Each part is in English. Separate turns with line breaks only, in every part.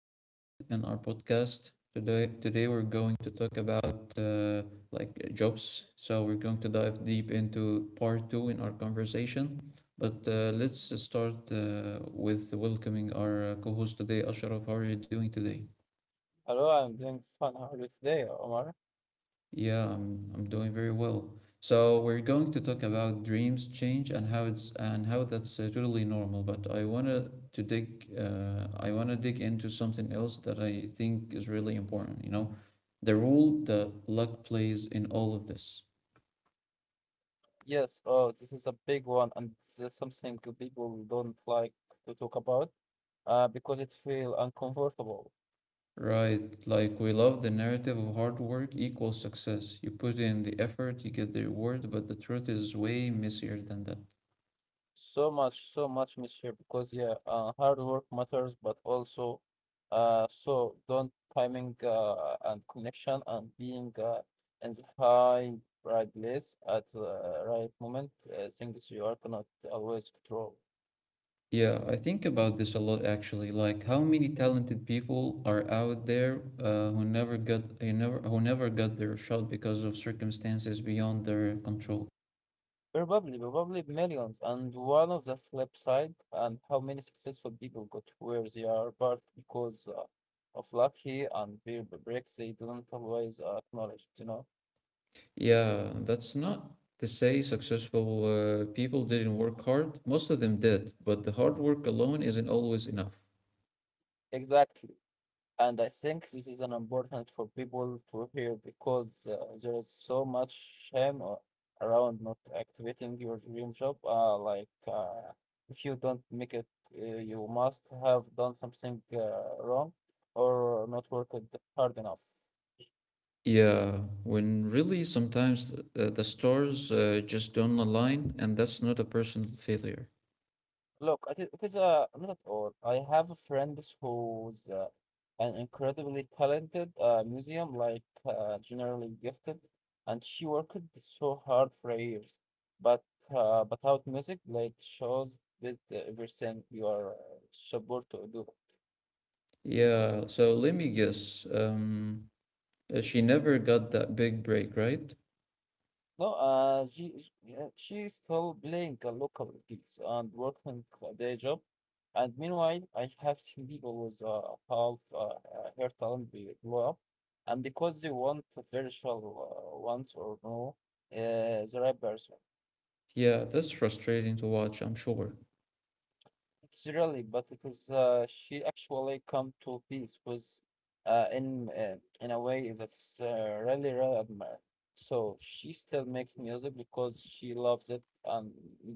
episode in our podcast. Today we're going to talk about jobs. So we're going to dive deep into part 2 in our conversation. But let's start with welcoming our co-host today, Ashraf. How are you doing today?
Hello, I'm doing fine. How are you today, Omar?
Yeah, I'm doing very well. So we're going to talk about dreams change and how it's and how that's totally normal. But I wanna dig into something else that I think is really important, the role that luck plays in all of this.
Yes, oh, this is a big one, and this is something people don't like to talk about because it feel uncomfortable.
Right, like we love the narrative of hard work equals success. You put in the effort, you get the reward, but the truth is way messier than that.
So much, so much, monsieur, because yeah, hard work matters, but also so don't timing and connection and being in the high right place at the right moment, things you are cannot always control.
Yeah, I think about this a lot actually. Like how many talented people are out there who never got their shot because of circumstances beyond their control.
Probably, probably millions. And one of the flip side, and how many successful people got where they are, but because of lucky and peer breaks, they don't always acknowledge, you know?
Yeah, that's not to say successful people didn't work hard. Most of them did, but the hard work alone isn't always enough.
Exactly. And I think this is an important for people to hear because there is so much shame around not activating your dream job. Like, if you don't make it, you must have done something wrong or not worked hard enough.
Yeah, when really sometimes the stars just don't align, and that's not a personal failure.
Look, it is not at all. I have a friend who's an incredibly talented museum, like generally gifted, and she worked so hard for years. But but out music, like shows did everything you are supposed to do.
Yeah, so let me guess. She never got that big break, right?
No, yeah, she's still playing a local gigs and working a day job, and meanwhile, I have seen people with half her talent be blow up, and because they want virtual ones or no, the rappers.
Yeah, that's frustrating to watch, I'm sure.
It's really, but it is she actually come to peace with in in a way that's really really admire. So she still makes music because she loves it and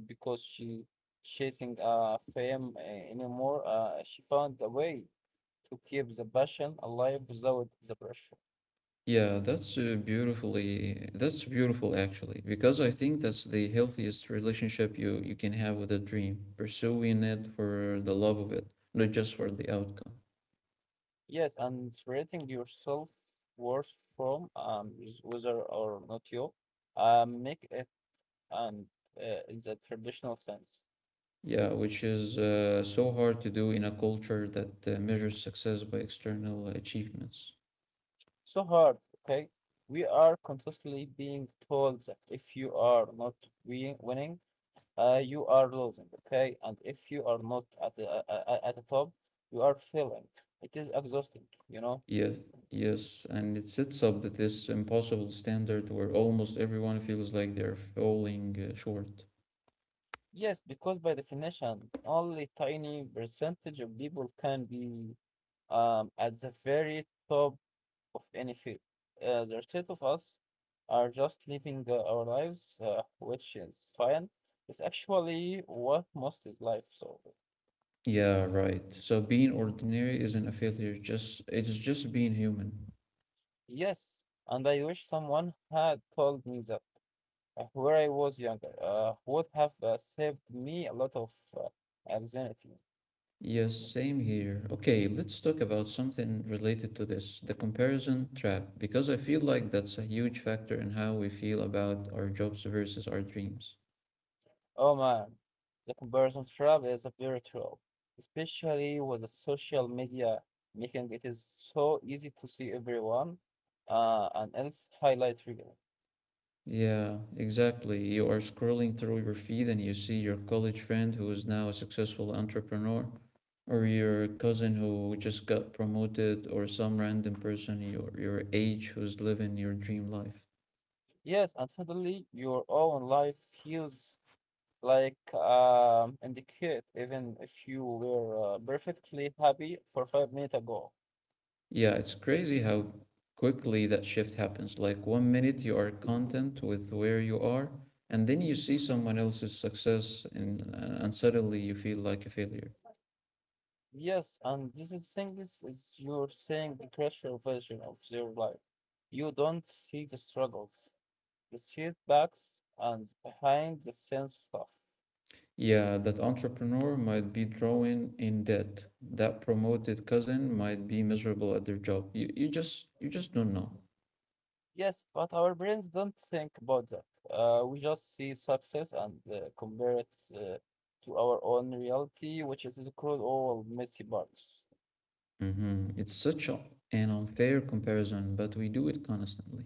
because she chasing fame anymore. She found a way to keep the passion alive without the pressure.
Yeah, that's that's beautiful actually, because I think that's the healthiest relationship you can have with a dream, pursuing it for the love of it, not just for the outcome.
Yes, and separating yourself worth from whether or not you make it and in the traditional sense.
Yeah, which is so hard to do in a culture that measures success by external achievements.
So hard, okay? We are constantly being told that if you are not winning, you are losing, okay? And if you are not at the top, you are failing. It is exhausting, you know?
Yes, yes, and it sets up that this impossible standard where almost everyone feels like they're falling short.
Yes, because by definition, only tiny percentage of people can be at the very top of any field. The state of us are just living our lives, which is fine. It's actually what most is life. So,
Yeah, right. So being ordinary isn't a failure, just it's just being human.
yes, and I wish someone had told me that where I was younger would have saved me a lot of anxiety.
Yes, same here. Okay, let's talk about something related to this, the comparison trap, because I feel like that's a huge factor in how we feel about our jobs versus our dreams.
Oh man, the comparison trap is a very trap, especially with the social media making it is so easy to see everyone and else highlight reel.
Yeah, exactly. You are scrolling through your feed and you see your college friend who is now a successful entrepreneur, or your cousin who just got promoted, or some random person your age who's living your dream life.
Yes, and suddenly your own life feels like indicate, even if you were perfectly happy for 5 minutes ago.
Yeah, it's crazy how quickly that shift happens. Like one minute you are content with where you are, and then you see someone else's success and suddenly you feel like a failure.
Yes, and this is thing is you're seeing the crucial version of their life. You don't see the struggles, the setbacks, and behind the scenes stuff.
Yeah, that entrepreneur might be drawing in debt. That promoted cousin might be miserable at their job. You just don't know.
Yes, but our brains don't think about that. We just see success and compare it uh, to our own reality, which is the cruel old messy parts.
It's such an unfair comparison, but we do it constantly.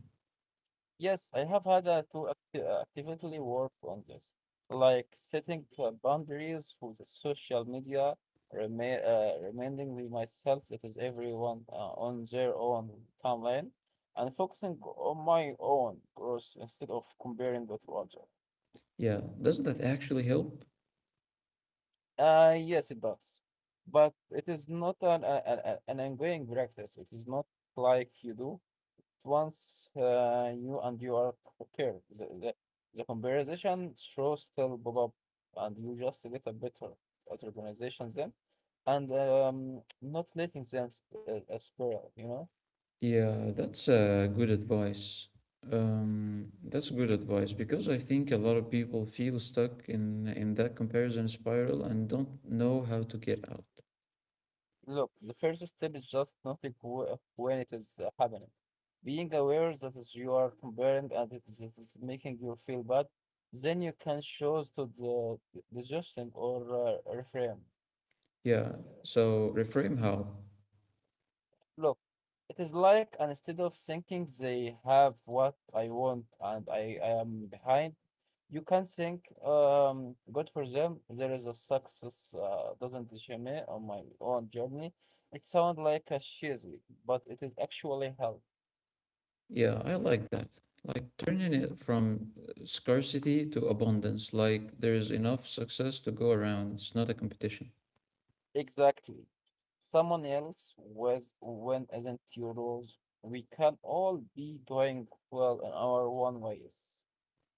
Yes, I have had to actively work on this, like setting boundaries for the social media, reminding me myself that is everyone on their own timeline, and focusing on my own growth instead of comparing with others.
Yeah, does that actually help?
Yes, it does. But it is not an, a- an ongoing practice. It is not like you do it once you and you are prepared. The conversation shows still pop up and you just get a better at organization then and not letting them spiral, you know?
Yeah, that's good advice. That's good advice because I think a lot of people feel stuck in that comparison spiral and don't know how to get out.
Look, the first step is just noting when it is happening. Being aware that is you are comparing and it is making you feel bad, then you can choose to the digestion or refrain.
Yeah, so reframe how.
Look, it is like and instead of thinking they have what I want and I am behind, you can think, good for them. There is a success doesn't disappoint me on my own journey. It sounds like a cheesy, but it is actually help.
Yeah, I like that. Like turning it from scarcity to abundance, like there's enough success to go around. It's not a competition.
Exactly. Someone else was when isn't your rules. We can all be doing well in our own ways.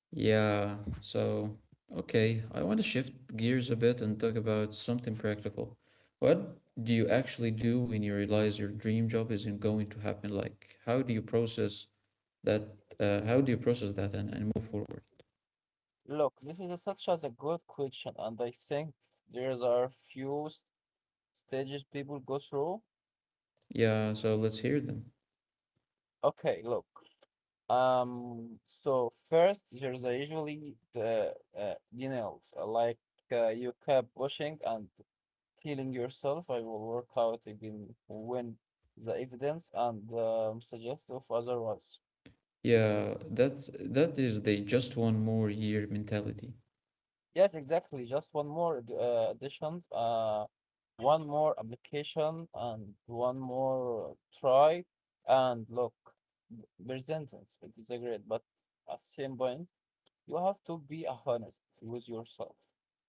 Yeah, so okay, I want to shift gears a bit and talk about something practical. What do you actually do when you realize your dream job isn't going to happen? Like, how do you process that? How do you process that and move forward?
Look, this is a, such as a good question, and I think there's are few stages people go through.
Yeah, so let's hear them.
Okay, look, so first, there's usually the denials, like you kept pushing and telling yourself, I will work out even when the evidence and suggest of otherwise.
Yeah, that's that is the just one more year mentality.
Yes, exactly. Just one more additions, one more application, and one more try. And look, persistence, it is a great, but at the same point. You have to be honest with yourself,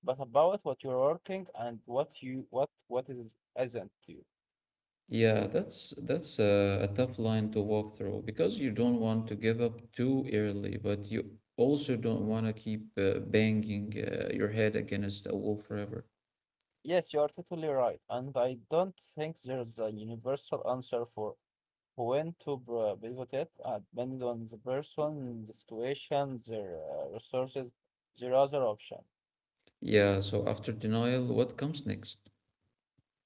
but about what you're working and what is isn't you.
Yeah, that's a tough line to walk through because you don't want to give up too early, but you also don't want to keep banging your head against a wall forever.
Yes, you are totally right, and I don't think there's a universal answer for when to pivot, it, depending on the person, the situation, their resources, their other option.
Yeah, so after denial, what comes next?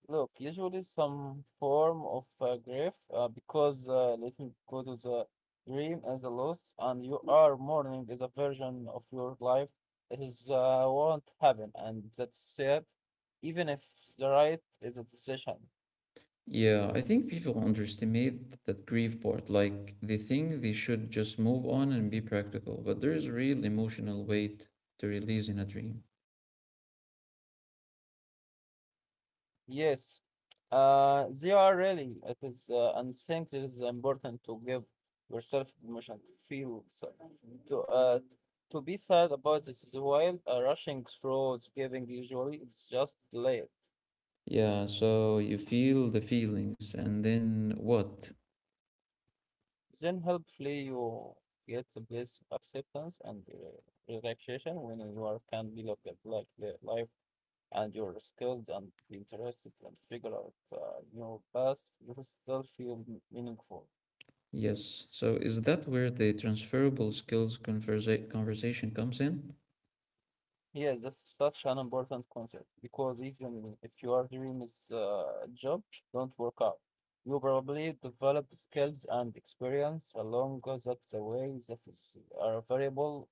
Look, usually some form of grief because let me go to the dream as a loss, and you are mourning is a version of your life that is won't happen, and that's sad, even if the right is a decision.
Yeah, I think people underestimate that grief part. Like they think they should just move on and be practical, but there is real emotional weight to release in a dream.
Yes, they are really. It is, and think it is important to give yourself permission to feel sad, to uh, to be sad about this is while rushing through giving usually it's just delayed.
Yeah, so you feel the feelings, and then what?
Then helpfully you get the bliss acceptance and relaxation when you are can be look at like the life and your skills and be interested and figure out new paths that still feel meaningful.
Yes. So is that where the transferable skills conversation comes in?
Yes, that's such an important concept because even if your dream is a job don't work out, you probably develop skills and experience along that the way that is are variable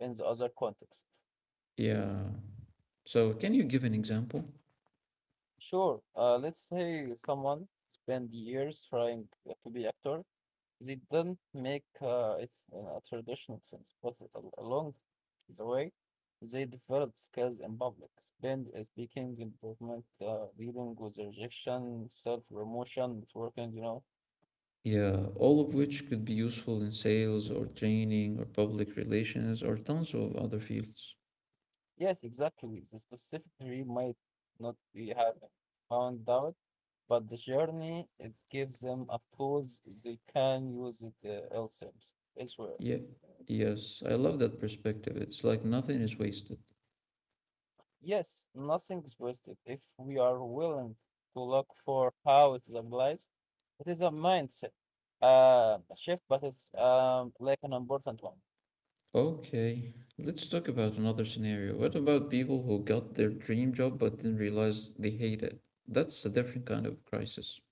in the other context.
Yeah. So can you give an example?
Sure, let's say someone spend years trying to be actor. They didn't make it in a traditional sense, but along the way, they developed skills in public, spend, speaking, improvement, dealing with rejection, self-promotion, networking.
Yeah, all of which could be useful in sales or training or public relations or tons of other fields.
Yes, exactly. The specific degree might not be have found out, but the journey, it gives them a tools they can use it elsewhere.
Yeah. Yes, I love that perspective. It's like nothing is wasted.
Yes, nothing's wasted if we are willing to look for how it applies. It is a mindset shift, but it's like an important one.
Okay, let's talk about another scenario. What about people who got their dream job but then realized they hate it? That's a different kind of crisis.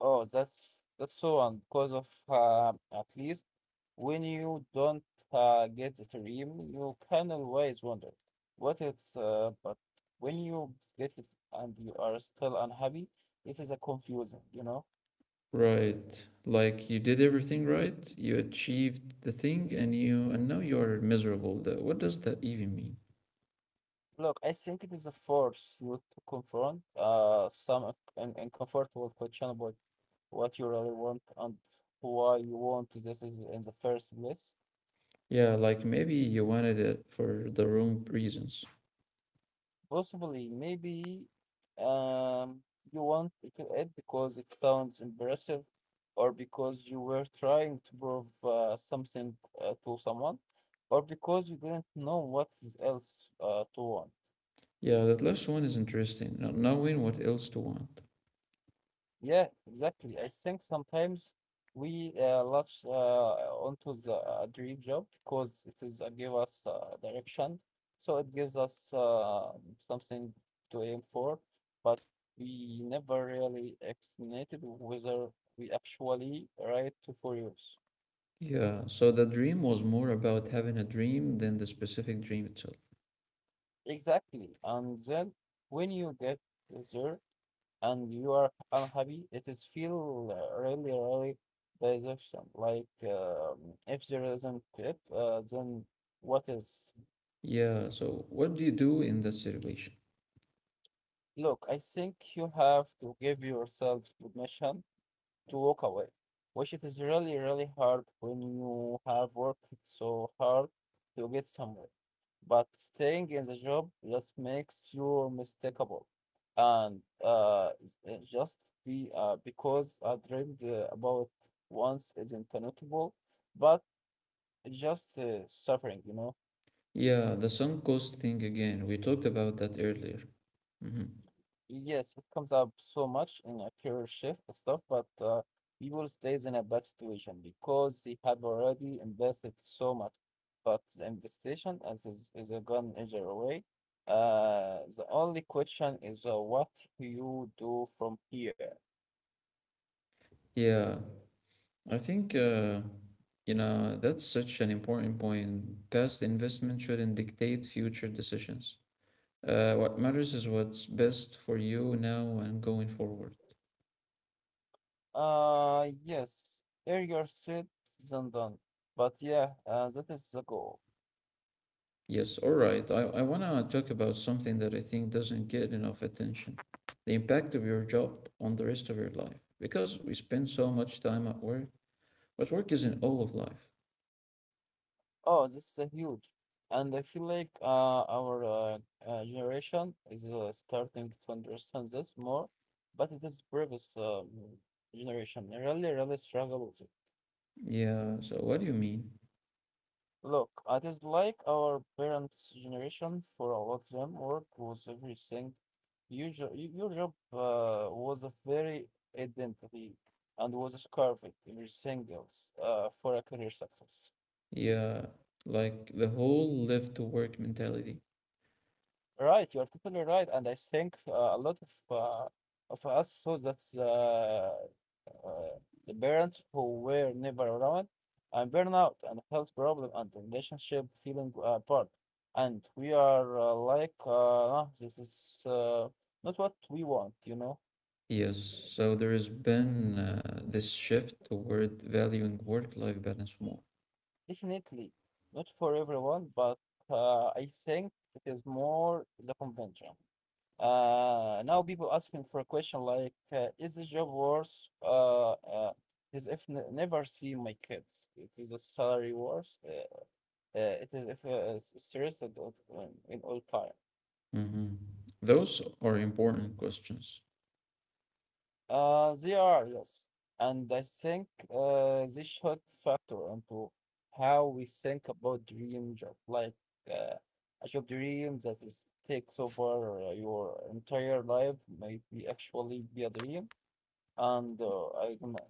Oh, that's so on because of at least when you don't get the dream, you can always wonder what it's. But when you get it and you are still unhappy, it is a confusing.
Right. Like you did everything right, you achieved the thing and you and now you're miserable. That what does that even mean?
Look, I think it is a force you to confront some uncomfortable question about what you really want and why you want this is in the first place.
Yeah, like maybe you wanted it for the wrong reasons.
Possibly, maybe um you want it to add because it sounds impressive or because you were trying to prove something to someone or because you didn't know what is else to want.
Yeah, that last one is interesting. Not knowing what else to want.
Yeah, exactly. I think sometimes we latch onto the dream job because it is give us direction, so it gives us something to aim for, but we never really estimated whether we actually right to for use.
Yeah, so the dream was more about having a dream than the specific dream itself.
Exactly. And then when you get there and you are unhappy, it is feel really, really deception. Like if there isn't it, then what is?
Yeah, so what do you do in that situation?
Look, I think you have to give yourself permission to walk away, which it is really, really hard when you have worked so hard to get somewhere. But staying in the job just makes you mistakeable, and just be because I dreamed about once isn't notable, but it's just suffering.
Yeah, the sunk cost thing again. We talked about that earlier. hmm
Yes, it comes up so much in a career shift and stuff, but people stays in a bad situation because they have already invested so much. But the investigation is a gone either away. The only question is what you do from here.
Yeah, I think You know, that's such an important point. Past investment shouldn't dictate future decisions. What matters is what's best for you now and going forward.
Yes, earlier said than done. But yeah, that is the goal.
Yes, all right. I want to talk about something that I think doesn't get enough attention the impact of your job on the rest of your life. Because we spend so much time at work, but work isn't all of life.
Oh, this is a huge. And I feel like our generation is starting to understand this more, but it is previous generation really, really struggle with it.
Yeah, so what do you mean?
Look, it is like our parents' generation for a lot of them work was everything. Your job was a very identity and was scarved everything else for a career success.
Yeah, like the whole live to work mentality.
Right, you are totally right, and I think a lot of uh, of us saw that the parents who were never around, and burnout, and health problem, and the relationship feeling apart, and we are "Ah, this is not what we want."
Yes, so there has been this shift toward valuing work-life balance more.
Definitely not for everyone, but I think it is more the convention. Now people asking for a question like, is the job worse? Is if n never see my kids, it is a salary worse. It is if stressed at in all time.
hmm Those are important questions.
They are, yes, and I think this should factor into how we think about dream job, like uh, a job dream that is takes over your entire life might be actually be a dream. And I don't know.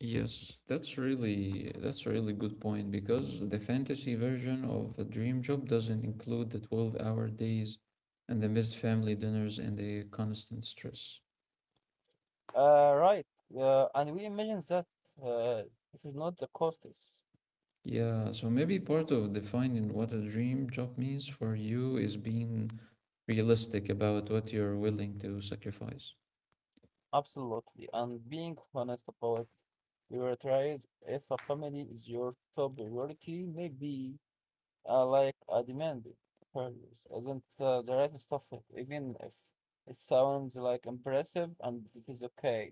Yes, that's really that's a really good point because the fantasy version of a dream job doesn't include the 12-hour days and the missed family dinners and the constant stress.
Right. And we imagine that uh, it is not the cost is
Yeah, so maybe part of defining what a dream job means for you is being realistic about what you're willing to sacrifice.
absolutely. And being honest about your tries, if a family is your top priority, maybe like a demand values isn't the right stuff, even if it sounds like impressive and it is okay.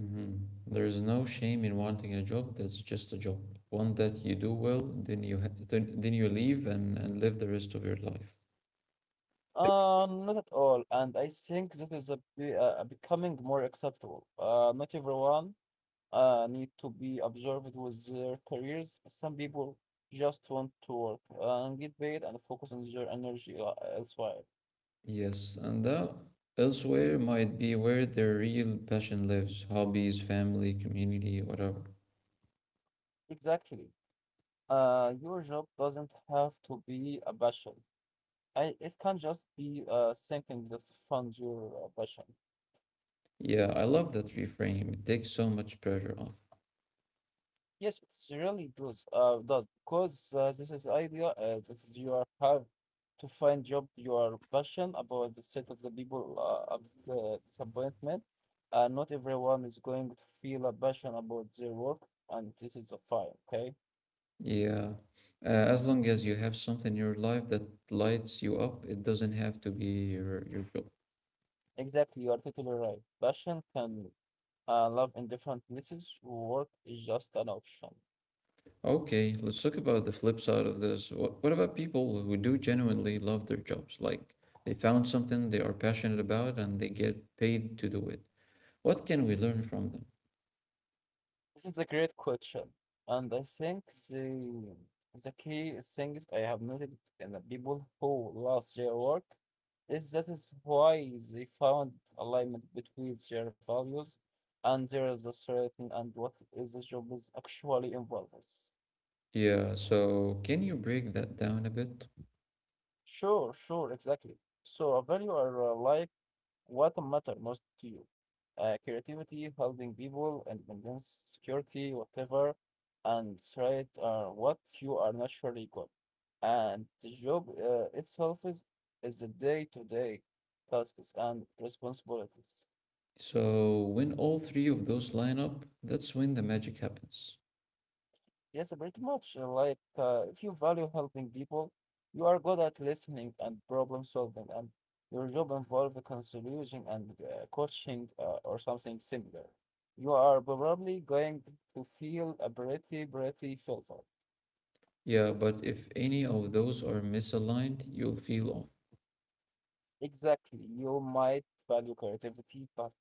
Mhm. There's no shame in wanting a job that's just a job. One that you do well, then you leave and live the rest of your life.
Not at all. And I think that is a, becoming more acceptable. Not everyone need to be observed with their careers. Some people just want to work and get paid and focus on their energy elsewhere.
Yes, and that elsewhere might be where their real passion lives, hobbies, family, community, whatever.
Exactly. Your job doesn't have to be a passion. I, it can just be something that funds your passion.
Yeah, I love that reframe. It takes so much pressure off.
Yes, it's really does because this is idea that is you are have to find job you are passionate about the set of the people of the disappointment. Not everyone is going to feel a passion about their work, and this is a fine. Okay,
Yeah. As long as you have something in your life that lights you up, it doesn't have to be your job.
exactly, you are totally right. Passion can love in different places. Work is just an option.
Okay, let's talk about the flip side of this. What about people who do genuinely love their jobs? Like they found something they are passionate about and they get paid to do it. What can we learn from them?
This is a great question, and I think the the key things I have noted in the people who lost their work is that is why they found alignment between their values and there is a certain and what is the job is actually involves.
Yeah, so can you break that down a bit?
Sure, sure, exactly. So a value are like, what matter most to you? Creativity, helping people, independence, security, whatever, and threat are what you are naturally good. And the job itself is the day-to-day tasks and responsibilities.
So when all three of those line up, that's when the magic happens.
Yes, pretty much. Like, if you value helping people, you are good at listening and problem solving, and your job involves counseling and coaching or something similar. You are probably going to feel a pretty, pretty fulfilled.
Yeah, but if any of those are misaligned, you'll feel off.
Exactly. You might value creativity, but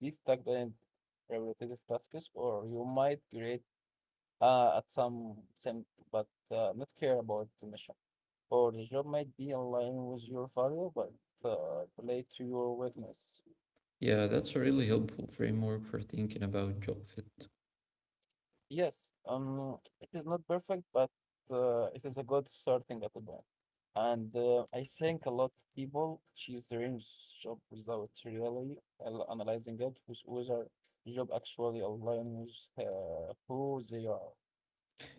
be stuck in repetitive tasks, or you might create at some but not care about the mission. Or the job might be aligned with your value but play to your weakness.
Yeah, that's a really helpful framework for thinking about job fit.
Yes, it is not perfect, but it is a good starting at the point. And I think a lot of people choose their own job without really analyzing it, with whether job actually aligns with who they are.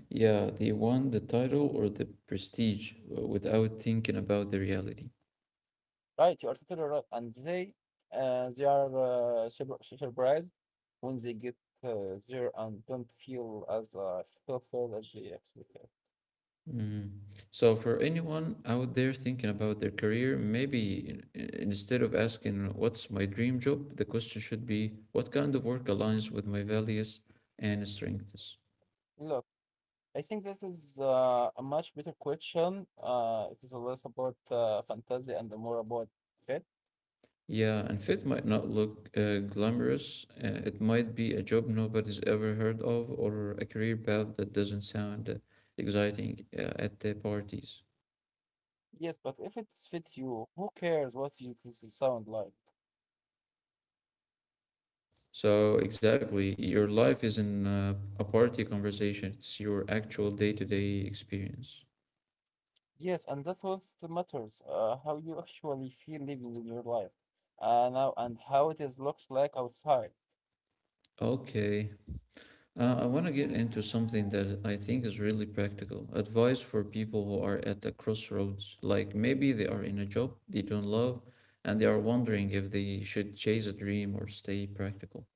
Yeah, they won the title or the prestige without thinking about the reality.
Right, you are totally right, and they are surprised when they get there and don't feel as fearful as they expected.
Mm. So, for anyone out there thinking about their career, maybe instead of asking, What's my dream job? The question should be, What kind of work aligns with my values and strengths?
Look, I think that is a much better question. It is less about fantasy and more about fit.
Yeah, and fit might not look glamorous. It might be a job nobody's ever heard of or a career path that doesn't sound exciting at the parties.
Yes, but if it's fit you, who cares what you this is sound like?
So, exactly, your life isn't a party conversation, it's your actual day to day experience.
Yes, and that's what matters. How you actually feel living in your life, now and how it is looks like outside.
Okay, I want to get into something that I think is really practical advice for people who are at the crossroads. Like maybe they are in a job they don't love and they are wondering if they should chase a dream or stay practical.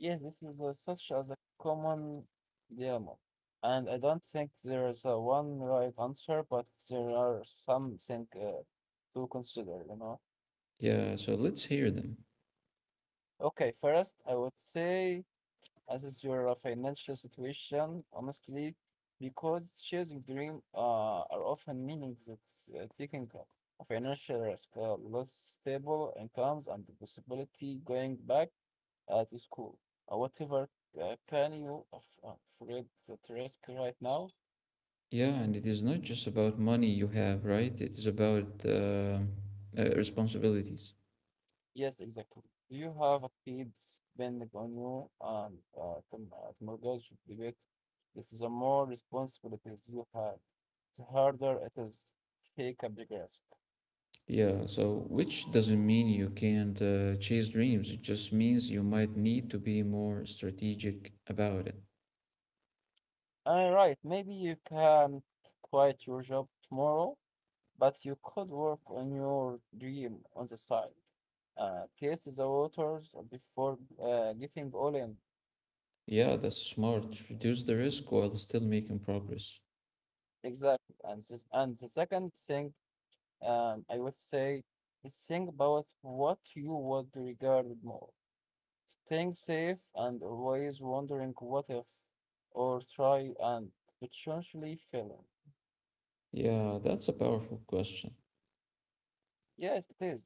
Yes, this is such as a common dilemma, and I don't think there is a one right answer, but there are something to consider, you know.
Yeah, so let's hear them.
Okay, first, I would say as is your financial situation, honestly, because chasing dream are often meaning that it's, taking a financial risk, less stable incomes, and the possibility going back at school. Whatever can you afraid that risk right now?
Yeah, and it is not just about money you have, right? It is about responsibilities.
Yes, exactly. Do you have a kid spending on you and the mortgage debate? It is the more responsibilities you have, the harder it is to take a big risk.
Yeah, so which doesn't mean you can't chase dreams. It just means you might need to be more strategic about it.
All right, maybe you can quit your job tomorrow, but you could work on your dream on the side. Taste the waters before getting all in.
Yeah, that's smart. Reduce the risk while still making progress.
Exactly. And this, and the second thing, I would say is think about what you would regard more. Staying safe and always wondering what if, or try and potentially failing.
Yeah, that's a powerful question.
Yes, it is.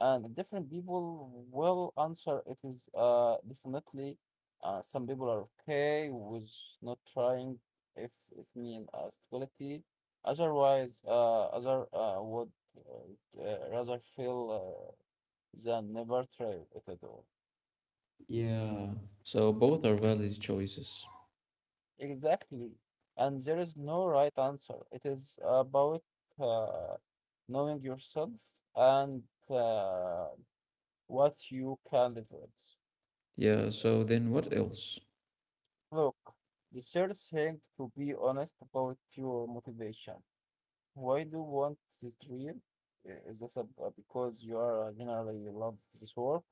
And different people will answer it is definitely some people are okay with not trying if it mean stability. Otherwise, other would rather feel than never try it at all.
Yeah, so both are valid choices.
Exactly. And there is no right answer. It is about uh, knowing yourself and uh, what you can live with.
Yeah, so then what else?
Look, the third thing to be honest about your motivation. Why do you want this dream? Is this because you are generally you love this work,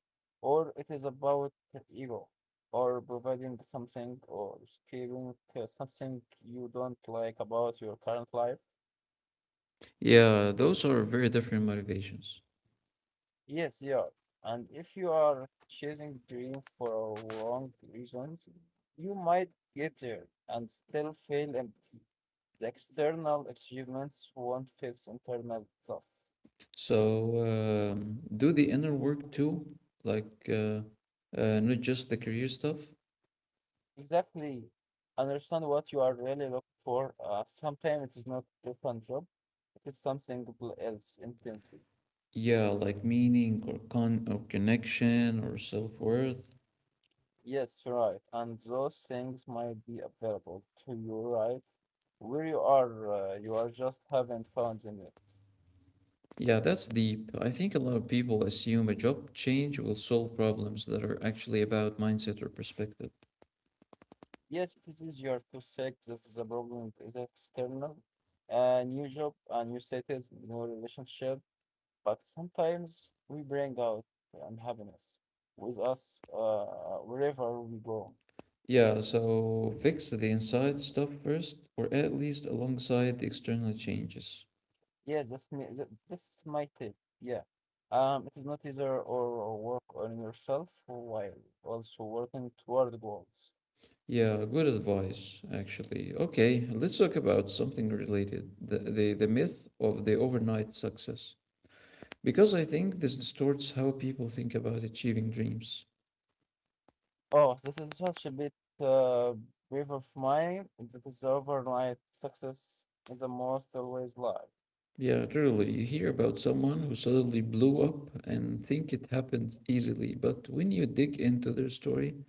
or it is about ego, or providing something, or escaping something you don't like about your current life?
Yeah, those are very different motivations.
Yes, yeah. And if you are chasing dream for wrong reasons, you might get there and still feel empty. The external achievements won't fix internal stuff.
So do the inner work too, like uh, not just the career stuff.
Exactly. Understand what you are really looking for. Sometimes it is not the fun job, it is something else intently.
Yeah, like meaning or connection or self-worth.
Yes, right. And those things might be available to you, right? Where you are just haven't found them yet.
Yeah, that's deep. I think a lot of people assume a job change will solve problems that are actually about mindset or perspective.
Yes, it is easier to say that the problem is external, a new job, a new status, new relationship, but sometimes we bring out the unhappiness with us wherever we go.
Yeah, so fix the inside stuff first, or at least alongside the external changes.
Yeah, that's me. That's my tip. Yeah. It is not either or work on yourself while also working toward goals.
Yeah, good advice, actually. Okay, let's talk about something related, the myth of the overnight success. Because I think this distorts how people think about achieving dreams.
Oh, this is such a bit uh, brief of mine. That is overnight success is a most always lie.
Yeah, truly, you hear about someone who suddenly blew up and think it happened easily, but when you dig into their story,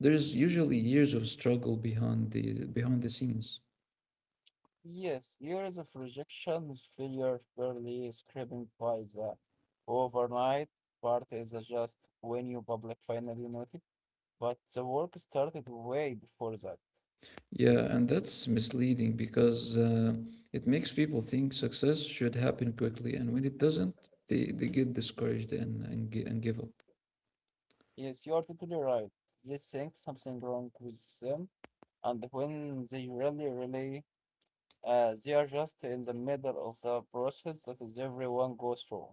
there's usually years of struggle behind the scenes.
Yes, years of rejection, failure, barely scraping by the overnight part is just when you public finally noted, but the work started way before that.
Yeah, and that's misleading because it makes people think success should happen quickly, and when it doesn't, they get discouraged and give up.
Yes, you are totally right. They think something wrong with them, and when they really, really, they are just in the middle of the process that is everyone goes through.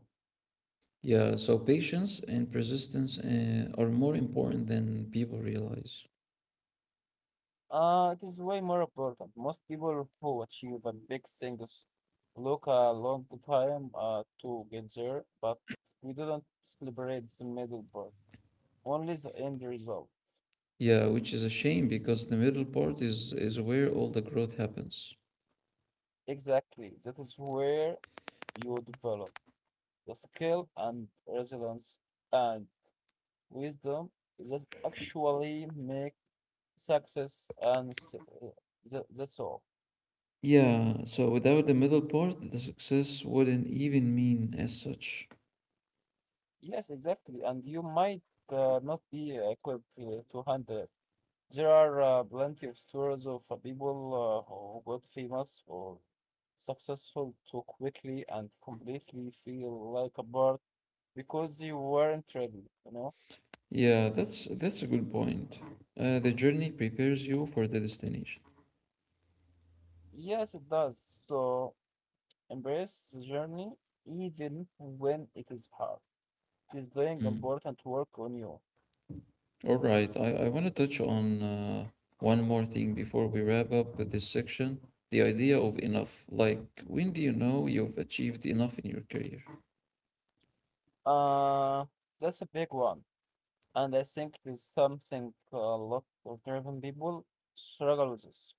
Yeah, so patience and persistence are more important than people realize.
It is way more important. Most people who achieve a big things look a long time to get there, but we don't celebrate the middle part, only the end result.
Yeah, which is a shame because the middle part is where all the growth happens.
Exactly. That is where you develop the skill and resilience and wisdom that actually make success and uh, that's all.
Yeah, so without the middle part, the success wouldn't even mean as such.
Yes, exactly. And you might not be equipped to handle. There are plenty of stories of people who got famous or successful too quickly and completely feel like a bird because they weren't ready, you know?
Yeah, that's a good point. The journey prepares you for the destination.
Yes, it does. So embrace the journey even when it is hard. It is doing
Mm.
important work on you.
All right, I want to touch on one more thing before we wrap up with this section. The idea of enough. Like, when do you know you've achieved enough in your career?
Uh, that's a big one. And I think it is something a lot of driven people struggle with.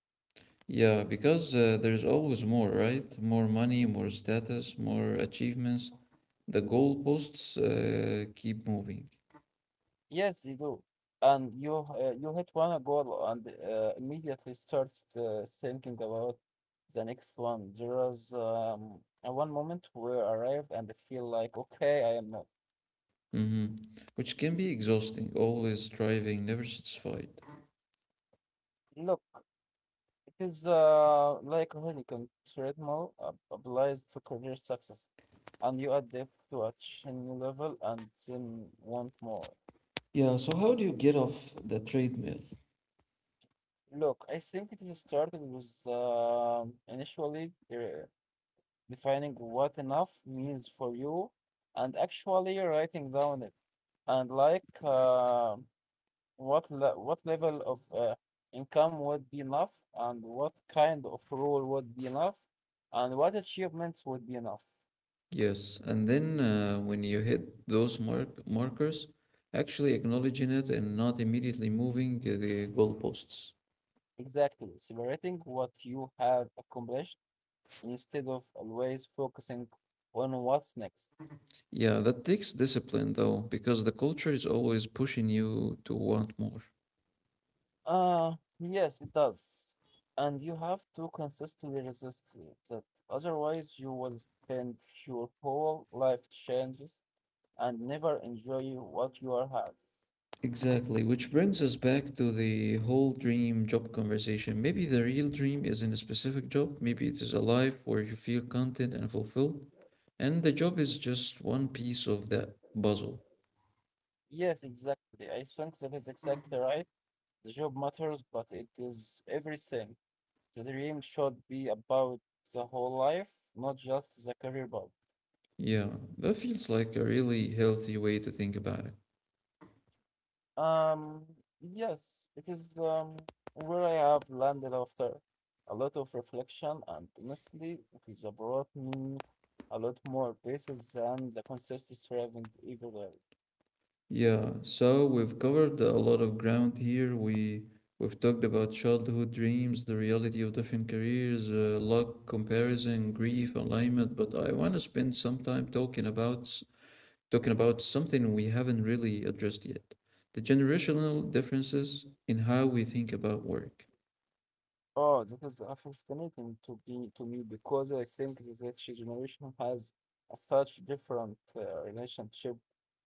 Yeah, because there's always more, right? More money, more status, more achievements. The goalposts keep moving.
Yes, you do. And you hit one goal and immediately starts thinking about the next one. There was one moment where I arrived and I feel like, okay, I am not.
Hmm. Which can be exhausting, always striving, never satisfied.
Look, it is like a honeycomb treadmill applies to career success. And you adapt to a new level and then want more.
Yeah, so how do you get off the treadmill?
Look, I think it is started with initially defining what enough means for you, and actually writing down it. And like what what level of income would be enough, and what kind of role would be enough, and what achievements would be enough.
Yes, and then when you hit those markers, actually acknowledging it and not immediately moving the goalposts.
Exactly, celebrating what you have accomplished instead of always focusing on what's next.
Yeah, that takes discipline though, because the culture is always pushing you to want more.
Uh, yes, it does. And you have to consistently resist it, that otherwise you will spend your whole life changes and never enjoy what you are have.
Exactly, which brings us back to the whole dream job conversation. Maybe the real dream isn't a specific job, maybe it is a life where you feel content and fulfilled, and the job is just one piece of that puzzle.
Yes, exactly. I think that is exactly right. The job matters, but it is everything. The dream should be about the whole life, not just the career path.
Yeah, that feels like a really healthy way to think about it.
Um, yes, it is where I have landed after a lot of reflection, and honestly, it has brought me a lot more places than the consensus striving everywhere.
Yeah, so we've covered a lot of ground here. We've talked about childhood dreams, the reality of different careers, luck, comparison, grief, alignment, but I want to spend some time talking about something we haven't really addressed yet, the generational differences in how we think about work.
Oh, that is fascinating to be to me because I think this each generation has a such different relationship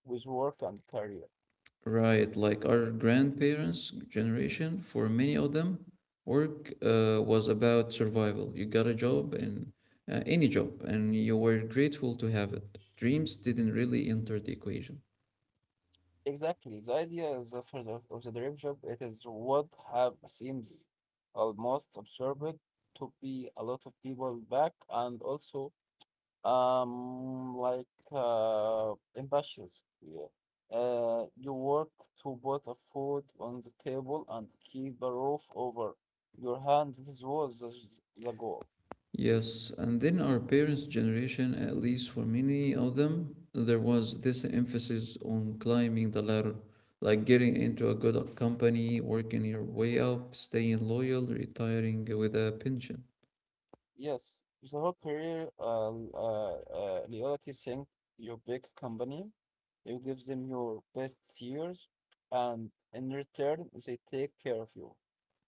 with work and career.
Right, like our grandparents' generation, for many of them, work was about survival. You got a job, and any job, and you were grateful to have it. Dreams didn't really enter the equation.
Exactly. The idea is of the dream job, it is what have seems almost absurd to be a lot of people back and also um like ambitious. Yeah. You work to put a food on the table and keep a roof over your hands. This was the goal.
Yes, and then our parents' generation, at least for many of them, there was this emphasis on climbing the ladder, like getting into a good company, working your way up, staying loyal, retiring with a pension.
Yes, the whole career reality thing, your big company, you give them your best years, and in return, they take care of you.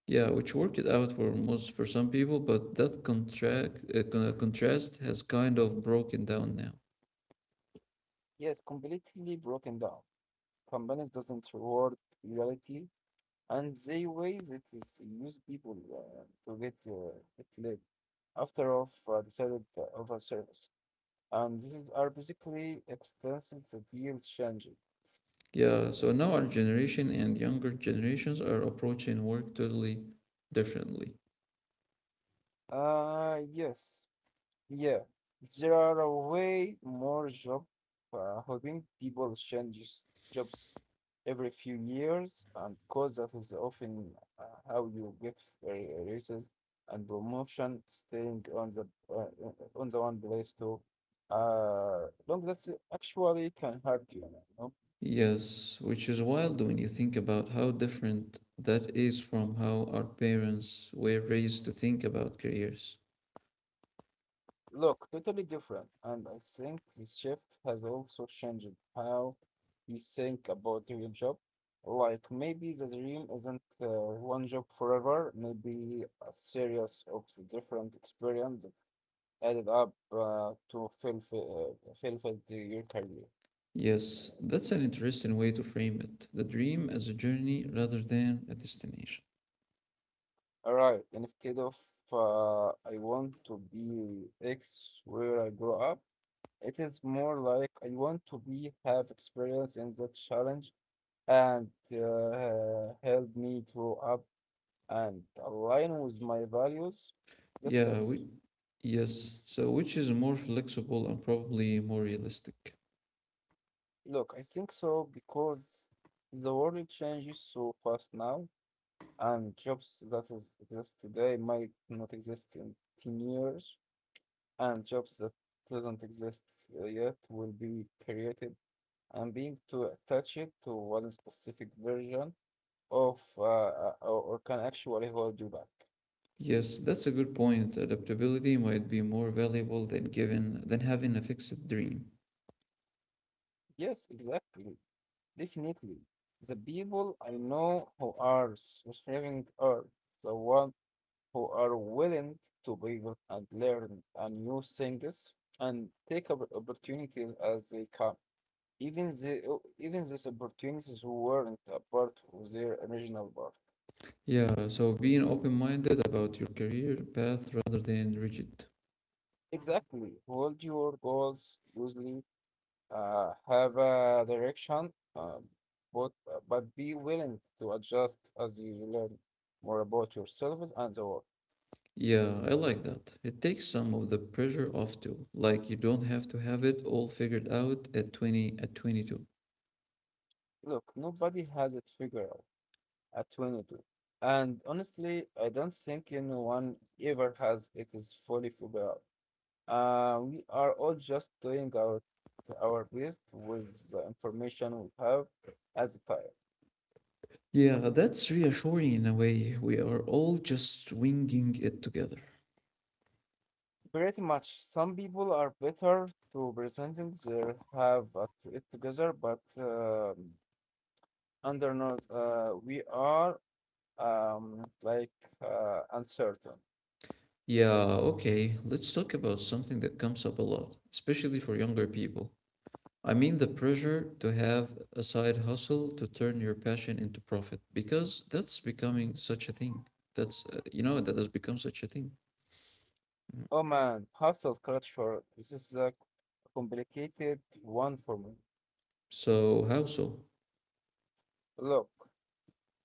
Yeah, which worked it out for most for some people, but that contract contrast has kind of broken down now.
Yes, completely broken down. Companies doesn't reward loyalty, and they ways it is use people to get it live after of decided of of a service. And this is are basically extensions that yield changing.
Yeah, so now our generation and younger generations are approaching work totally differently.
Uh yes, Yeah, there are a way more job hopping. People change jobs every few years, and cause that is often how you get raises and promotion, staying uh, on the one place too. Long that's actually can hurt you, you know.
Yes, which is wild when you think about how different that is from how our parents were raised to think about careers.
Look, totally different. And I think this shift has also changed how you think about your job. Like maybe the dream isn't one job forever, maybe a series of different experience added up to fulfill your career.
Yes, that's an interesting way to frame it. The dream as a journey rather than a destination.
All right, instead of I want to be X where I grow up, it is more like I want to be have experience in that challenge and help me grow up and align with my values. That's
Yeah,
it.
yes, so which is more flexible and probably more realistic.
Look, I think so because the world changes so fast now, and jobs that is, exist today might not exist in 10 years, and jobs that doesn't exist yet will be created. And being too attached to one specific version of or can actually hold you back.
Yes, that's a good point. Adaptability might be more valuable than having a fixed dream.
Yes, exactly. Definitely. The people I know who are thriving are the ones who are willing to pivot and learn and new things and take up opportunities as they come. Even these opportunities weren't a part of their original part.
Yeah, so being open-minded about your career path rather than rigid.
Exactly. Hold your goals loosely, have a direction, but be willing to adjust as you learn more about yourselves and the world.
Yeah, I like that. It takes some of the pressure off too. Like you don't have to have it all figured out at 20 at 22.
Look, nobody has it figured out at 22. And honestly, I don't think anyone ever has it is fully figured out. We are all just doing our best with the information we have at the time.
Yeah, that's reassuring in a way. We are all just winging it together.
Pretty much, some people are better to presenting their have at it together, but under not, we are like uncertain.
Yeah, okay. Let's talk about something that comes up a lot, especially for younger people. I mean the pressure to have a side hustle to turn your passion into profit because that's becoming such a thing. That's that has become such a thing.
Oh man, hustle culture. This is the complicated one for me.
So how so?
Look,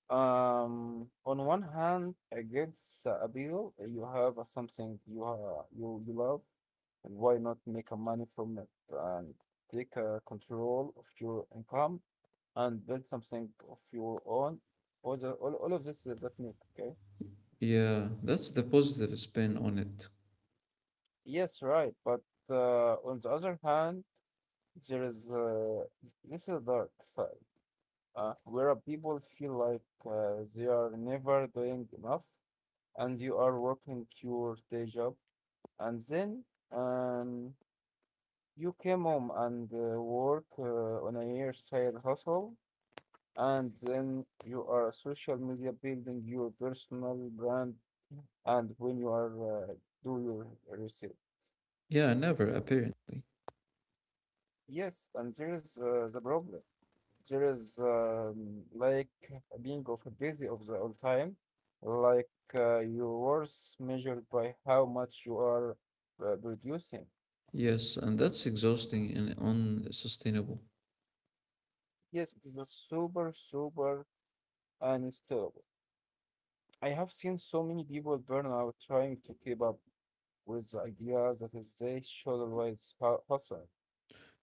on one hand, it gives the appeal. You have something you you love, and why not make a money from it and take control of your income and build something of your own? All of this is that make okay?
Yeah, that's the positive spin on it.
Yes, right. But on the other hand, there is this is the dark side. Where people feel like they are never doing enough and you are working your day job and then um, you came home and work on a year side hustle and then you are social media building your personal brand and when you are do your research.
Yeah, never, apparently.
Yes, and there's the problem. There is like being of a busy of the all time, like your worth measured by how much you are producing.
Yes, and that's exhausting and unsustainable.
Yes, it is a super, super unstable. I have seen so many people burn out trying to keep up with the ideas that is they should always hustle.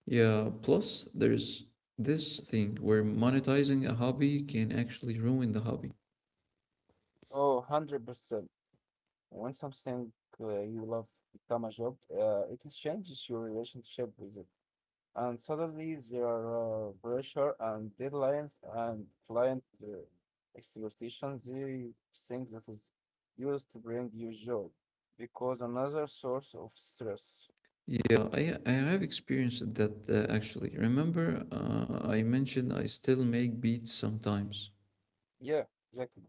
Yeah, plus there's this thing where monetizing a hobby can actually ruin the hobby.
Oh, 100%. When something you love become a job, it changes your relationship with it. And suddenly there are pressure and deadlines and client expectations, the thing that is used to bring you joy because another source of stress.
Yeah, I have experienced that actually. Remember, I mentioned I still make beats sometimes.
Yeah, exactly.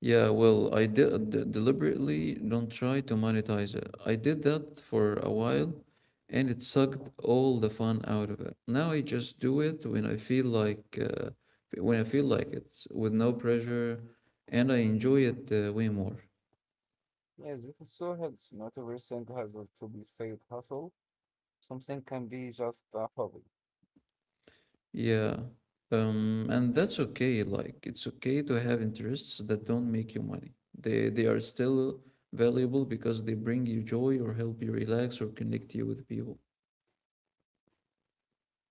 Yeah, well, I did deliberately don't try to monetize it. I did that for a while and it sucked all the fun out of it. Now I just do it when I feel like it with no pressure and I enjoy it way more.
Yeah, this is so healthy. Not everything has to be side hustle. Something can be just a hobby.
Yeah. And that's okay. Like it's okay to have interests that don't make you money. They are still valuable because they bring you joy or help you relax or connect you with people.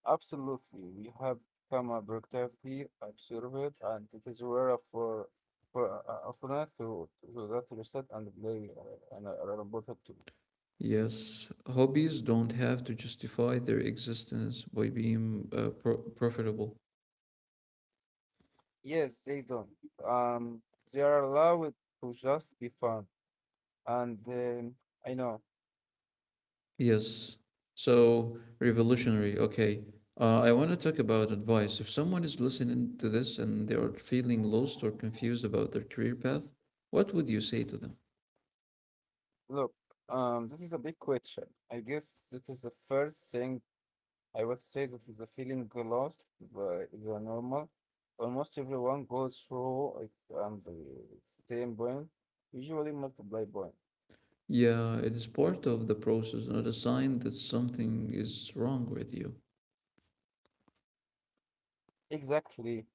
Absolutely. We have become a productivity observant and it is rare for for that to that to reset and play and a robot too.
Yes, hobbies don't have to justify their existence by being profitable.
Yes, they don't. Um, they are allowed to just be fun. And I know.
Yes, so revolutionary. Okay, I want to talk about advice. If someone is listening to this and they are feeling lost or confused about their career path, what would you say to them?
Look, this is a big question. I guess this is the first thing I would say that the feeling lost but is a normal. Almost everyone goes through it and the same point, usually multiply point.
Yeah, it is part of the process, not a sign that something is wrong with you.
Exactly.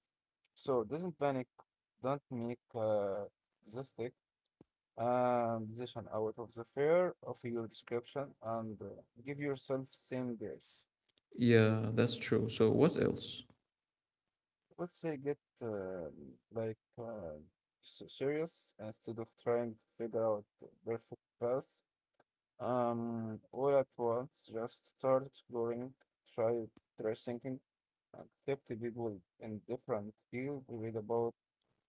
So doesn't panic, don't make statistic decision out of the fear of your description and give yourself same grace.
Yeah, that's true. So, what else?
Let's say get like serious instead of trying to figure out perfect path. All at once, just start exploring, try try thinking, and talk to people in different fields, read about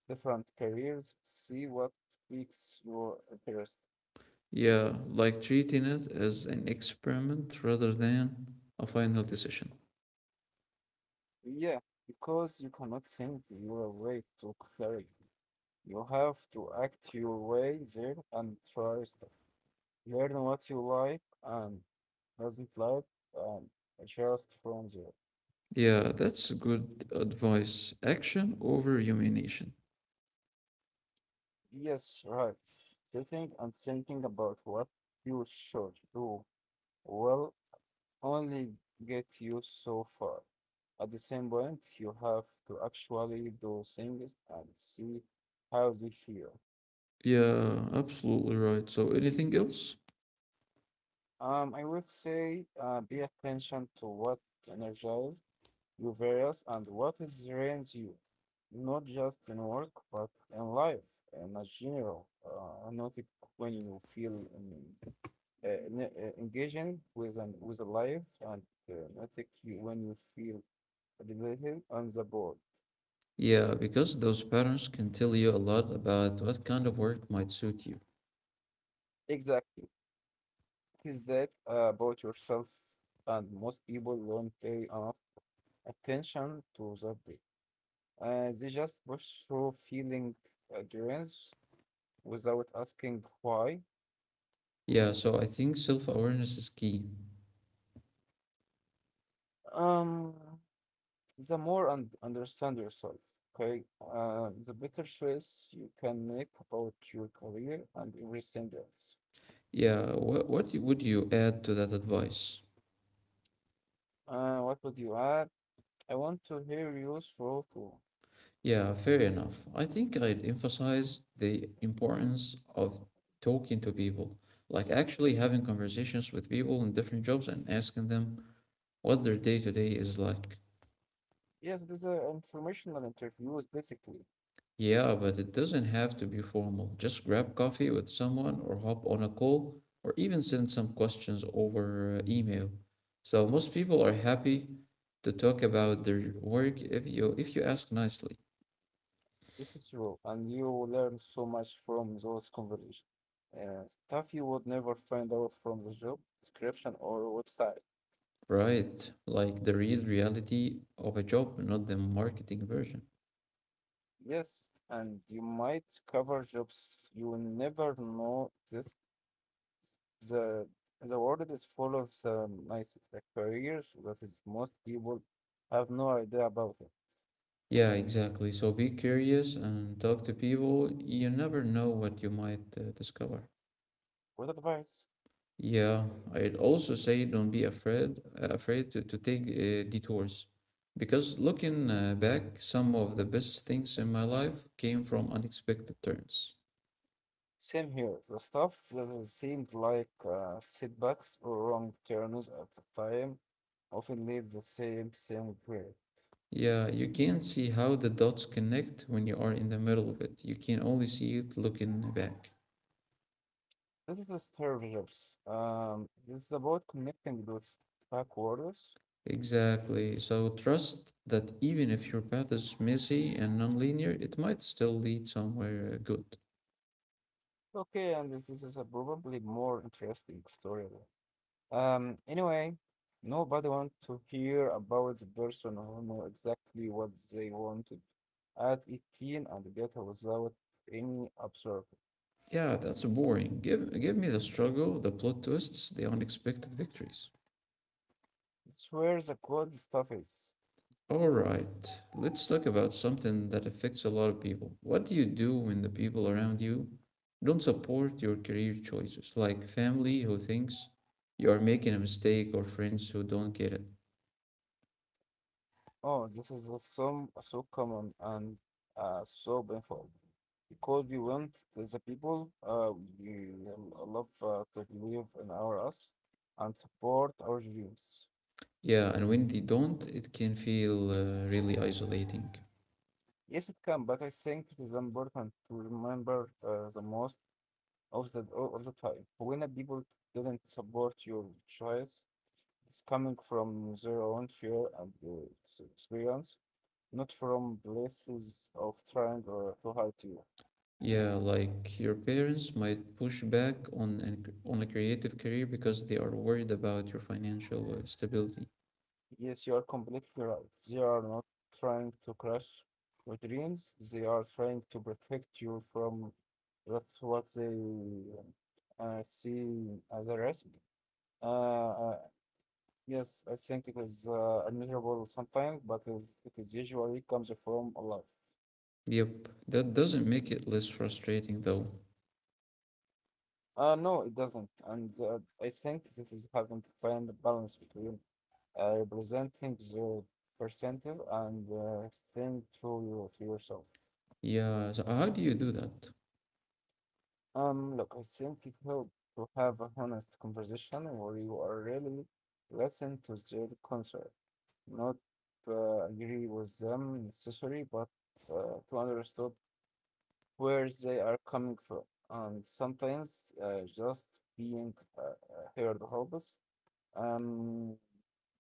different careers, see what piques your interest.
Yeah, like treating it as an experiment rather than a final decision.
Yeah, because you cannot think your way to clarity. You have to act your way there and try stuff. Learn what you like and doesn't like, and adjust from there.
Yeah, that's good advice. Action over rumination.
Yes, right. Sitting and thinking about what you should do will only get you so far. At the same point, you have to actually do things and see how they feel.
Yeah, absolutely right. So, anything else?
I would say be attention to what energizes you various and what is drains you, not just in work, but in life in a general, not when you feel in engaging with an with a live and I think you when you feel elevated on the board.
Yeah, because those patterns can tell you a lot about what kind of work might suit you.
Exactly. It is that about yourself, and most people don't pay enough attention to that day. They just push through feeling endurance without asking why.
Yeah, so I think self awareness is key.
Um, the more and understand yourself, okay, the better choice you can make about your career and everything else.
Yeah, would you add to that advice?
What would you add? I want to hear you through too.
Yeah, fair enough. I think I'd emphasize the importance of talking to people, like actually having conversations with people in different jobs and asking them what their day to day is like.
Yes, these are informational interviews, basically.
Yeah, but it doesn't have to be formal. Just grab coffee with someone or hop on a call or even send some questions over email. So most people are happy to talk about their work if you ask nicely.
This is true, and you will learn so much from those conversations. Stuff you would never find out from the job description or website.
Right, like the real reality of a job, not the marketing version.
Yes, and you might cover jobs you never know exist. The the world is full of some nice careers that is most people have no idea about it.
Yeah, exactly. So be curious and talk to people. You never know what you might discover.
What advice?
Yeah, I'd also say don't be afraid to take detours. Because looking back, some of the best things in my life came from unexpected turns.
Same here. The stuff that seemed like setbacks or wrong turns at the time often leads the same regret.
Yeah, you can't see how the dots connect when you are in the middle of it. You can only see it looking back.
This is a Steve Jobs. This is about connecting dots backwards.
Exactly. So trust that even if your path is messy and nonlinear, it might still lead somewhere good.
Okay, and this is a probably more interesting story. Anyway, nobody want to hear about the person who know exactly what they wanted at 18 and get without any observer.
Yeah, that's boring. Give me the struggle, the plot twists, the unexpected victories.
It's where the good stuff is.
All right, let's talk about something that affects a lot of people. What do you do when the people around you don't support your career choices, like family who thinks you are making a mistake or friends who don't get it?
Oh, this is a so, so common and so painful because we want the people we love to believe in our us and support our dreams.
Yeah, and when they don't, it can feel really isolating.
Yes, it can, but I think it is important to remember the most of the time when a people didn't support your choice. It's coming from their own fear and experience not from places of trying or to hurt you.
Yeah, like your parents might push back on a creative career because they are worried about your financial stability.
Yes, you are completely right. They are not trying to crush your dreams. They are trying to protect you from that's what they see as a risk. Uh, uh, yes, I think it is admirable sometimes, but is, it is usually comes from Allah.
Yep, that doesn't make it less frustrating though.
No, it doesn't, and I think this is having to find a balance between representing the percentile and staying to yourself.
Yeah, so how do you do that?
Look, I think it helps to have a honest conversation where you are really listen to their concern, not agree with them necessarily, but to understand where they are coming from. And sometimes just being heard helps um,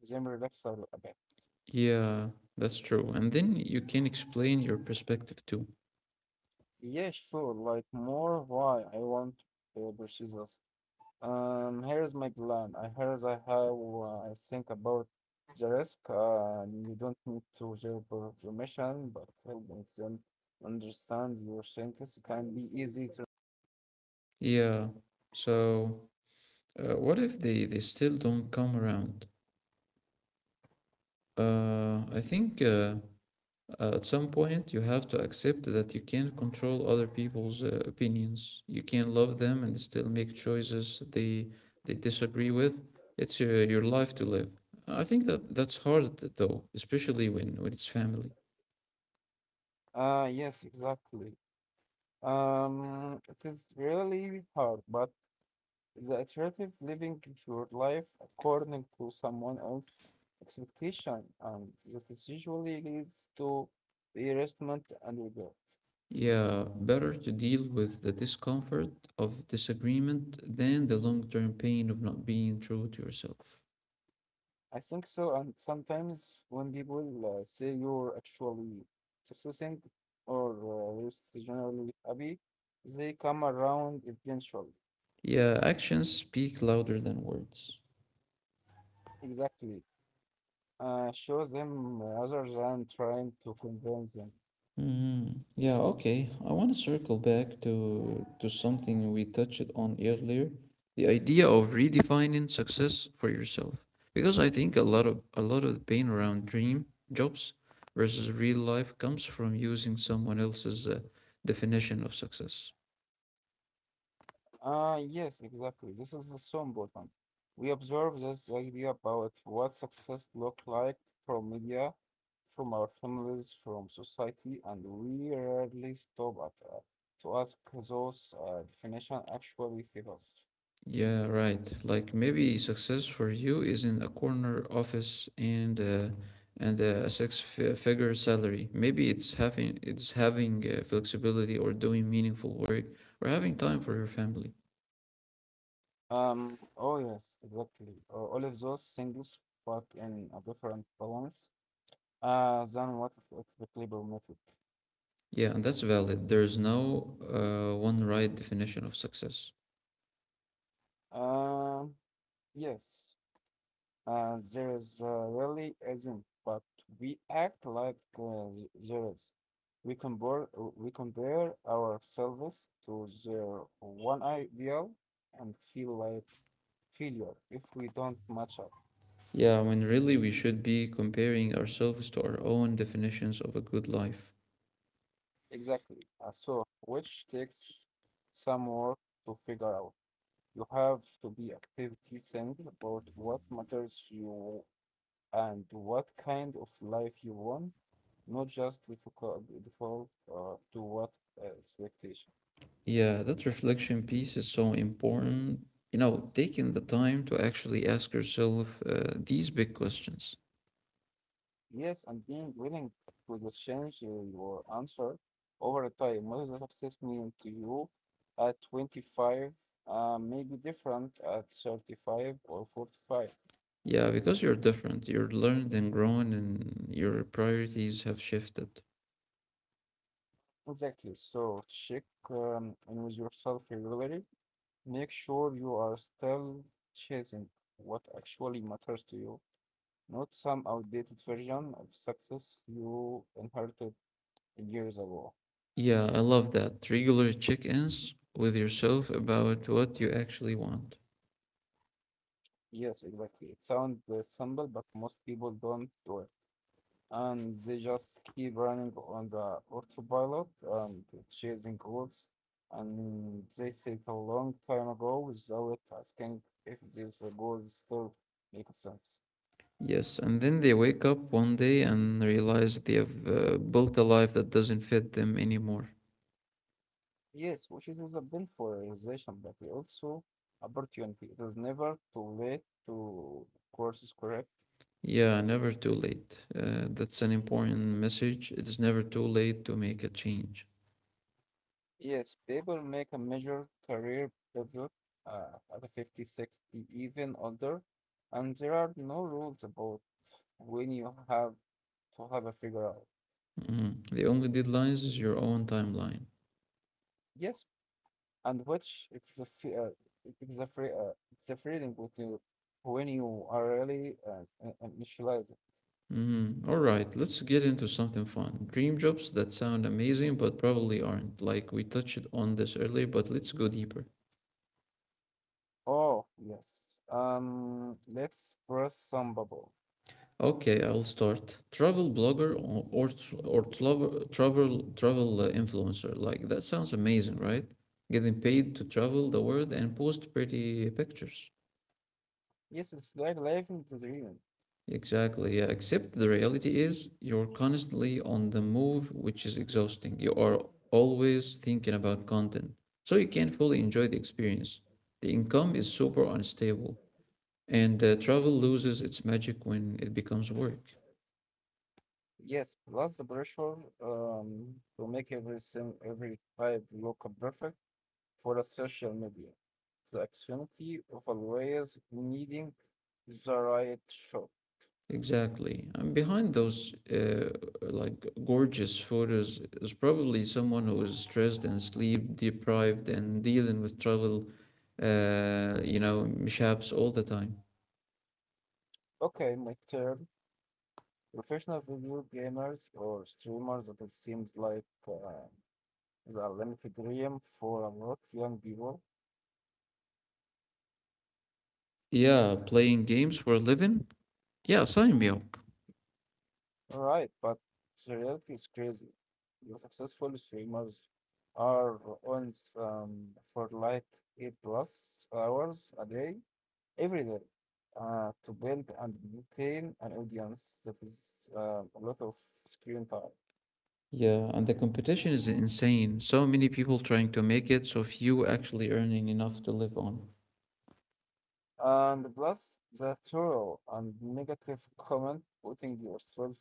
them relax a bit.
Yeah, that's true. And then you can explain your perspective too.
Yeah, sure. Like more why I want purchases. Here's my plan. I Here's I have. I think about the risk. You don't need to share permission, but helping them understand your thinking can be easy to.
Yeah, so what if they still don't come around? I think at some point you have to accept that you can't control other people's opinions. You can love them and still make choices they disagree with. It's your life to live. I think that's hard though, especially when it's family.
Yes, exactly. It is really hard, but the iterative living your life according to someone else's expectation, and that is usually leads to harassment and regret.
Yeah, better to deal with the discomfort of disagreement than the long-term pain of not being true to yourself.
I think so, and sometimes when people say you're actually succeeding or just generally happy, they come around eventually.
Yeah, actions speak louder than words.
Exactly. Show them rather than trying to convince them.
Mm, yeah, okay. I want to circle back to something we touched on earlier, the idea of redefining success for yourself. Because I think a lot of the pain around dream jobs versus real life comes from using someone else's definition of success.
Ah, yes, exactly. This is so important. We observe this idea about what success look like from media, from our families, from society, and we rarely stop at to ask those definition actually fit us.
Yeah, right. Like maybe success for you is in a corner office and a six-figure salary. Maybe it's having flexibility or doing meaningful work or having time for your family.
Um, oh yes, exactly. All of those things, but in a different balance than what is typically permitted.
Yeah, and that's valid. There's no one right definition of success.
Um, yes. There is really isn't, but we act like there is. We compare we compare ourselves to the one ideal and feel like failure if we don't match up.
Yeah, when really we should be comparing ourselves to our own definitions of a good life.
Exactly. So, which takes some work to figure out. You have to be activity sensitive about what matters you and what kind of life you want, not just default to what expectation.
Yeah, that reflection piece is so important. You know, taking the time to actually ask yourself these big questions.
Yes, and being willing to just change your answer over time. What does success mean to you at 25? May be different at 35 or 45.
Yeah, because you're different, you're learned and grown, and your priorities have shifted.
Exactly. So check in with yourself regularly. Make sure you are still chasing what actually matters to you, not some outdated version of success you inherited years ago.
Yeah, I love that. Regular check ins with yourself about what you actually want.
Yes, exactly. It sounds simple, but most people don't do it. And they just keep running on the autopilot and chasing goals. And they set a long time ago without asking if these goals still make sense.
Yes, and then they wake up one day and realize they have built a life that doesn't fit them anymore.
Yes, which is a bit for realization, but also opportunity. It is never too late to course correct.
Yeah, never too late. That's an important message. It's never too late to make a change.
Yes, people make a major career pivot at 50, 60, even older, and there are no rules about when you have to have a figure out.
Mhm. The only deadlines is your own timeline.
Yes, and which it's a freedom with you when you are really initializing.
Mhm. All right, let's get into something fun. Dream jobs that sound amazing but probably aren't. Like we touched on this earlier, but let's go deeper.
Oh yes, let's burst some bubble.
Okay, I'll start. Travel blogger or travel influencer. Like that sounds amazing, right? Getting paid to travel the world and post pretty pictures.
Yes, it's like life in the dream.
Exactly, yeah. Except the reality is you're constantly on the move, which is exhausting. You are always thinking about content, so you can't fully enjoy the experience. The income is super unstable, and travel loses its magic when it becomes work.
Yes, plus the pressure to make everything, every type look perfect for a social media. The anxiety of always needing the right shot.
Exactly. And behind those like gorgeous photos is probably someone who is stressed and sleep deprived and dealing with travel, mishaps all the time.
Okay, my turn. Professional video gamers or streamers, that it seems like the limited dream for a lot of young people.
Yeah, playing games for a living? Yeah, sign me up.
All right, but the reality is crazy. The successful streamers are on um, for like eight plus hours a day, every day, to build and maintain an audience that is a lot of screen time.
Yeah, and the competition is insane. So many people trying to make it, so few actually earning enough to live on.
And plus the thorough and negative comment putting yourself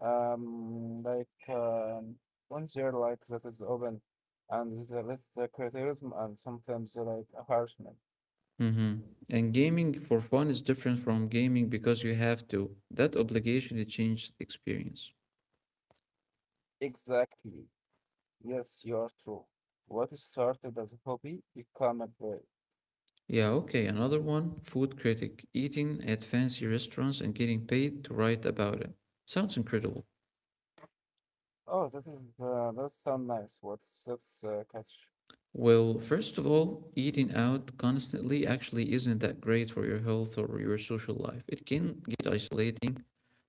um, like um, on there like that is open and the criticism and sometimes like harassment.
Mm-hmm. And gaming for fun is different from gaming because you have to. That obligation it changed the experience.
Exactly. Yes, you are true. What started as a hobby become a brand.
Yeah, okay, another one, food critic, eating at fancy restaurants and getting paid to write about it. Sounds incredible.
Oh, that is that sound nice. What's that's catch?
Well, first of all, eating out constantly actually isn't that great for your health or your social life. It can get isolating.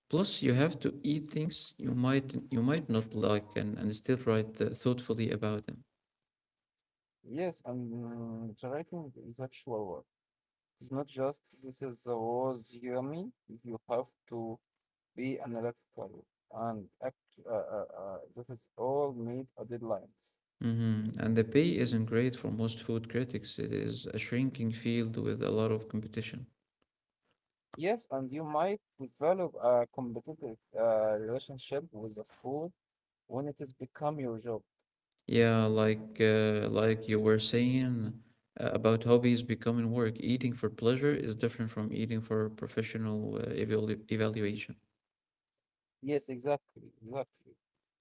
Plus, you have to eat things you might not like and still write thoughtfully about them.
Yes, and the writing is actual work. It's not just this is a was yummy. You have to be analytical and act. That is all made a deadlines.
Hmm. And the pay isn't great for most food critics. It is a shrinking field with a lot of competition.
Yes, and you might develop a competitive relationship with the food when it has become your job.
Yeah, like you were saying about hobbies becoming work. Eating for pleasure is different from eating for professional evaluation.
Yes, exactly, exactly.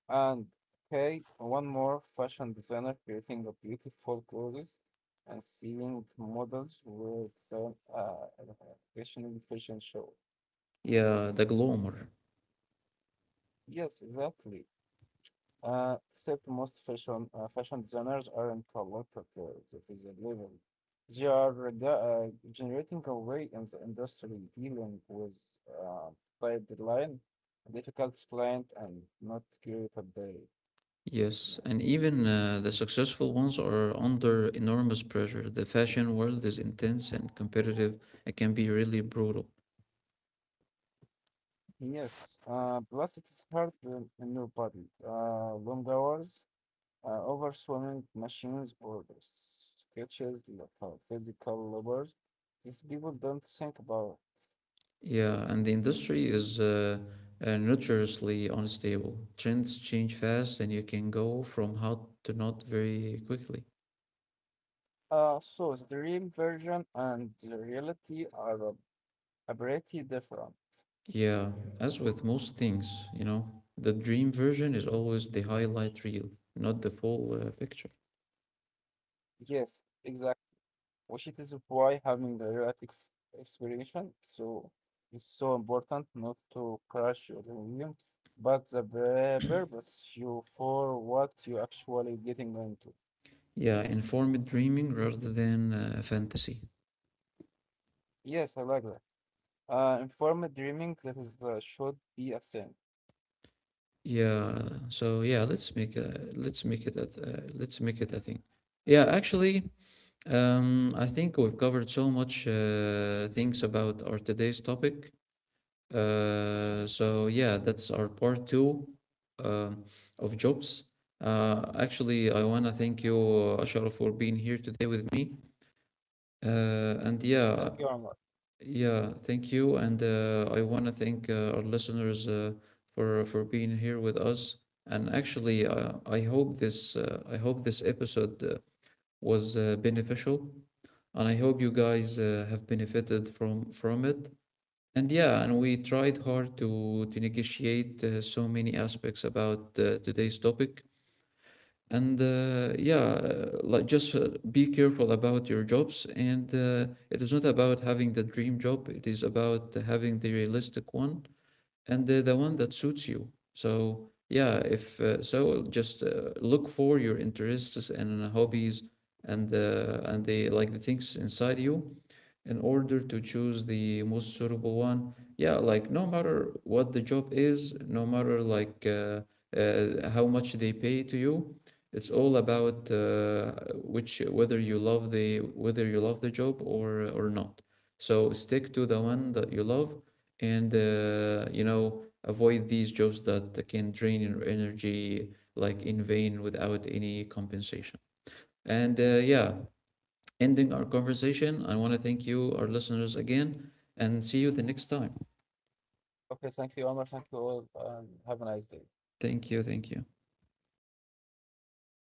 And okay, one more fashion designer creating a beautiful clothes and seeing models with some uh fashion show.
Yeah, the glamour.
Yes, exactly. Except most fashion designers aren't a lot at the physical level. They are generating a way in the industry dealing with uh, tight deadline, difficult client, and not curated by uh,
Yes, and even the successful ones are under enormous pressure. The fashion world is intense and competitive. It can be really brutal.
yes, plus it's hard on your body. Long hours, overswimming machines or the sketches, like, physical labors. These people don't think about.
Yeah, and the industry is notoriously unstable. Trends change fast, and you can go from hot to not very quickly.
So the dream version and the reality are pretty different.
Yeah, as with most things, you know, the dream version is always the highlight reel, not the full picture.
Yes, exactly, which it is why having the real life explanation so is so important not to crush your dream, but the purpose you for what you actually getting into.
Yeah, informed dreaming rather than fantasy.
Yes, I like that. Informed dreaming that is should be a thing.
Yeah. So yeah, let's make a let's make it a th- let's make it a thing. Yeah, actually, I think we've covered so much things about our today's topic. So yeah, that's our part two uh, of jobs. Actually, I wanna thank you, Ashraf, for being here today with me. And yeah,
Thank you, Omar.
yeah, thank you, and I want to thank our listeners for being here with us. And actually, I hope this episode was beneficial, and I hope you guys have benefited from it. And yeah, and we tried hard to negotiate so many aspects about today's topic. And yeah, like just be careful about your jobs. And it is not about having the dream job, it is about having the realistic one and the one that suits you. So yeah, if so just look for your interests and hobbies and the like the things inside you in order to choose the most suitable one. Yeah, like no matter what the job is, no matter like how much they pay to you, it's all about which whether you love the job or not. So stick to the one that you love, and avoid these jobs that can drain your energy like in vain without any compensation. And yeah, ending our conversation. I want to thank you, our listeners, again, and see you the next time.
Okay, thank you, Omar. Thank you all, and have a nice day.
Thank you. Thank you.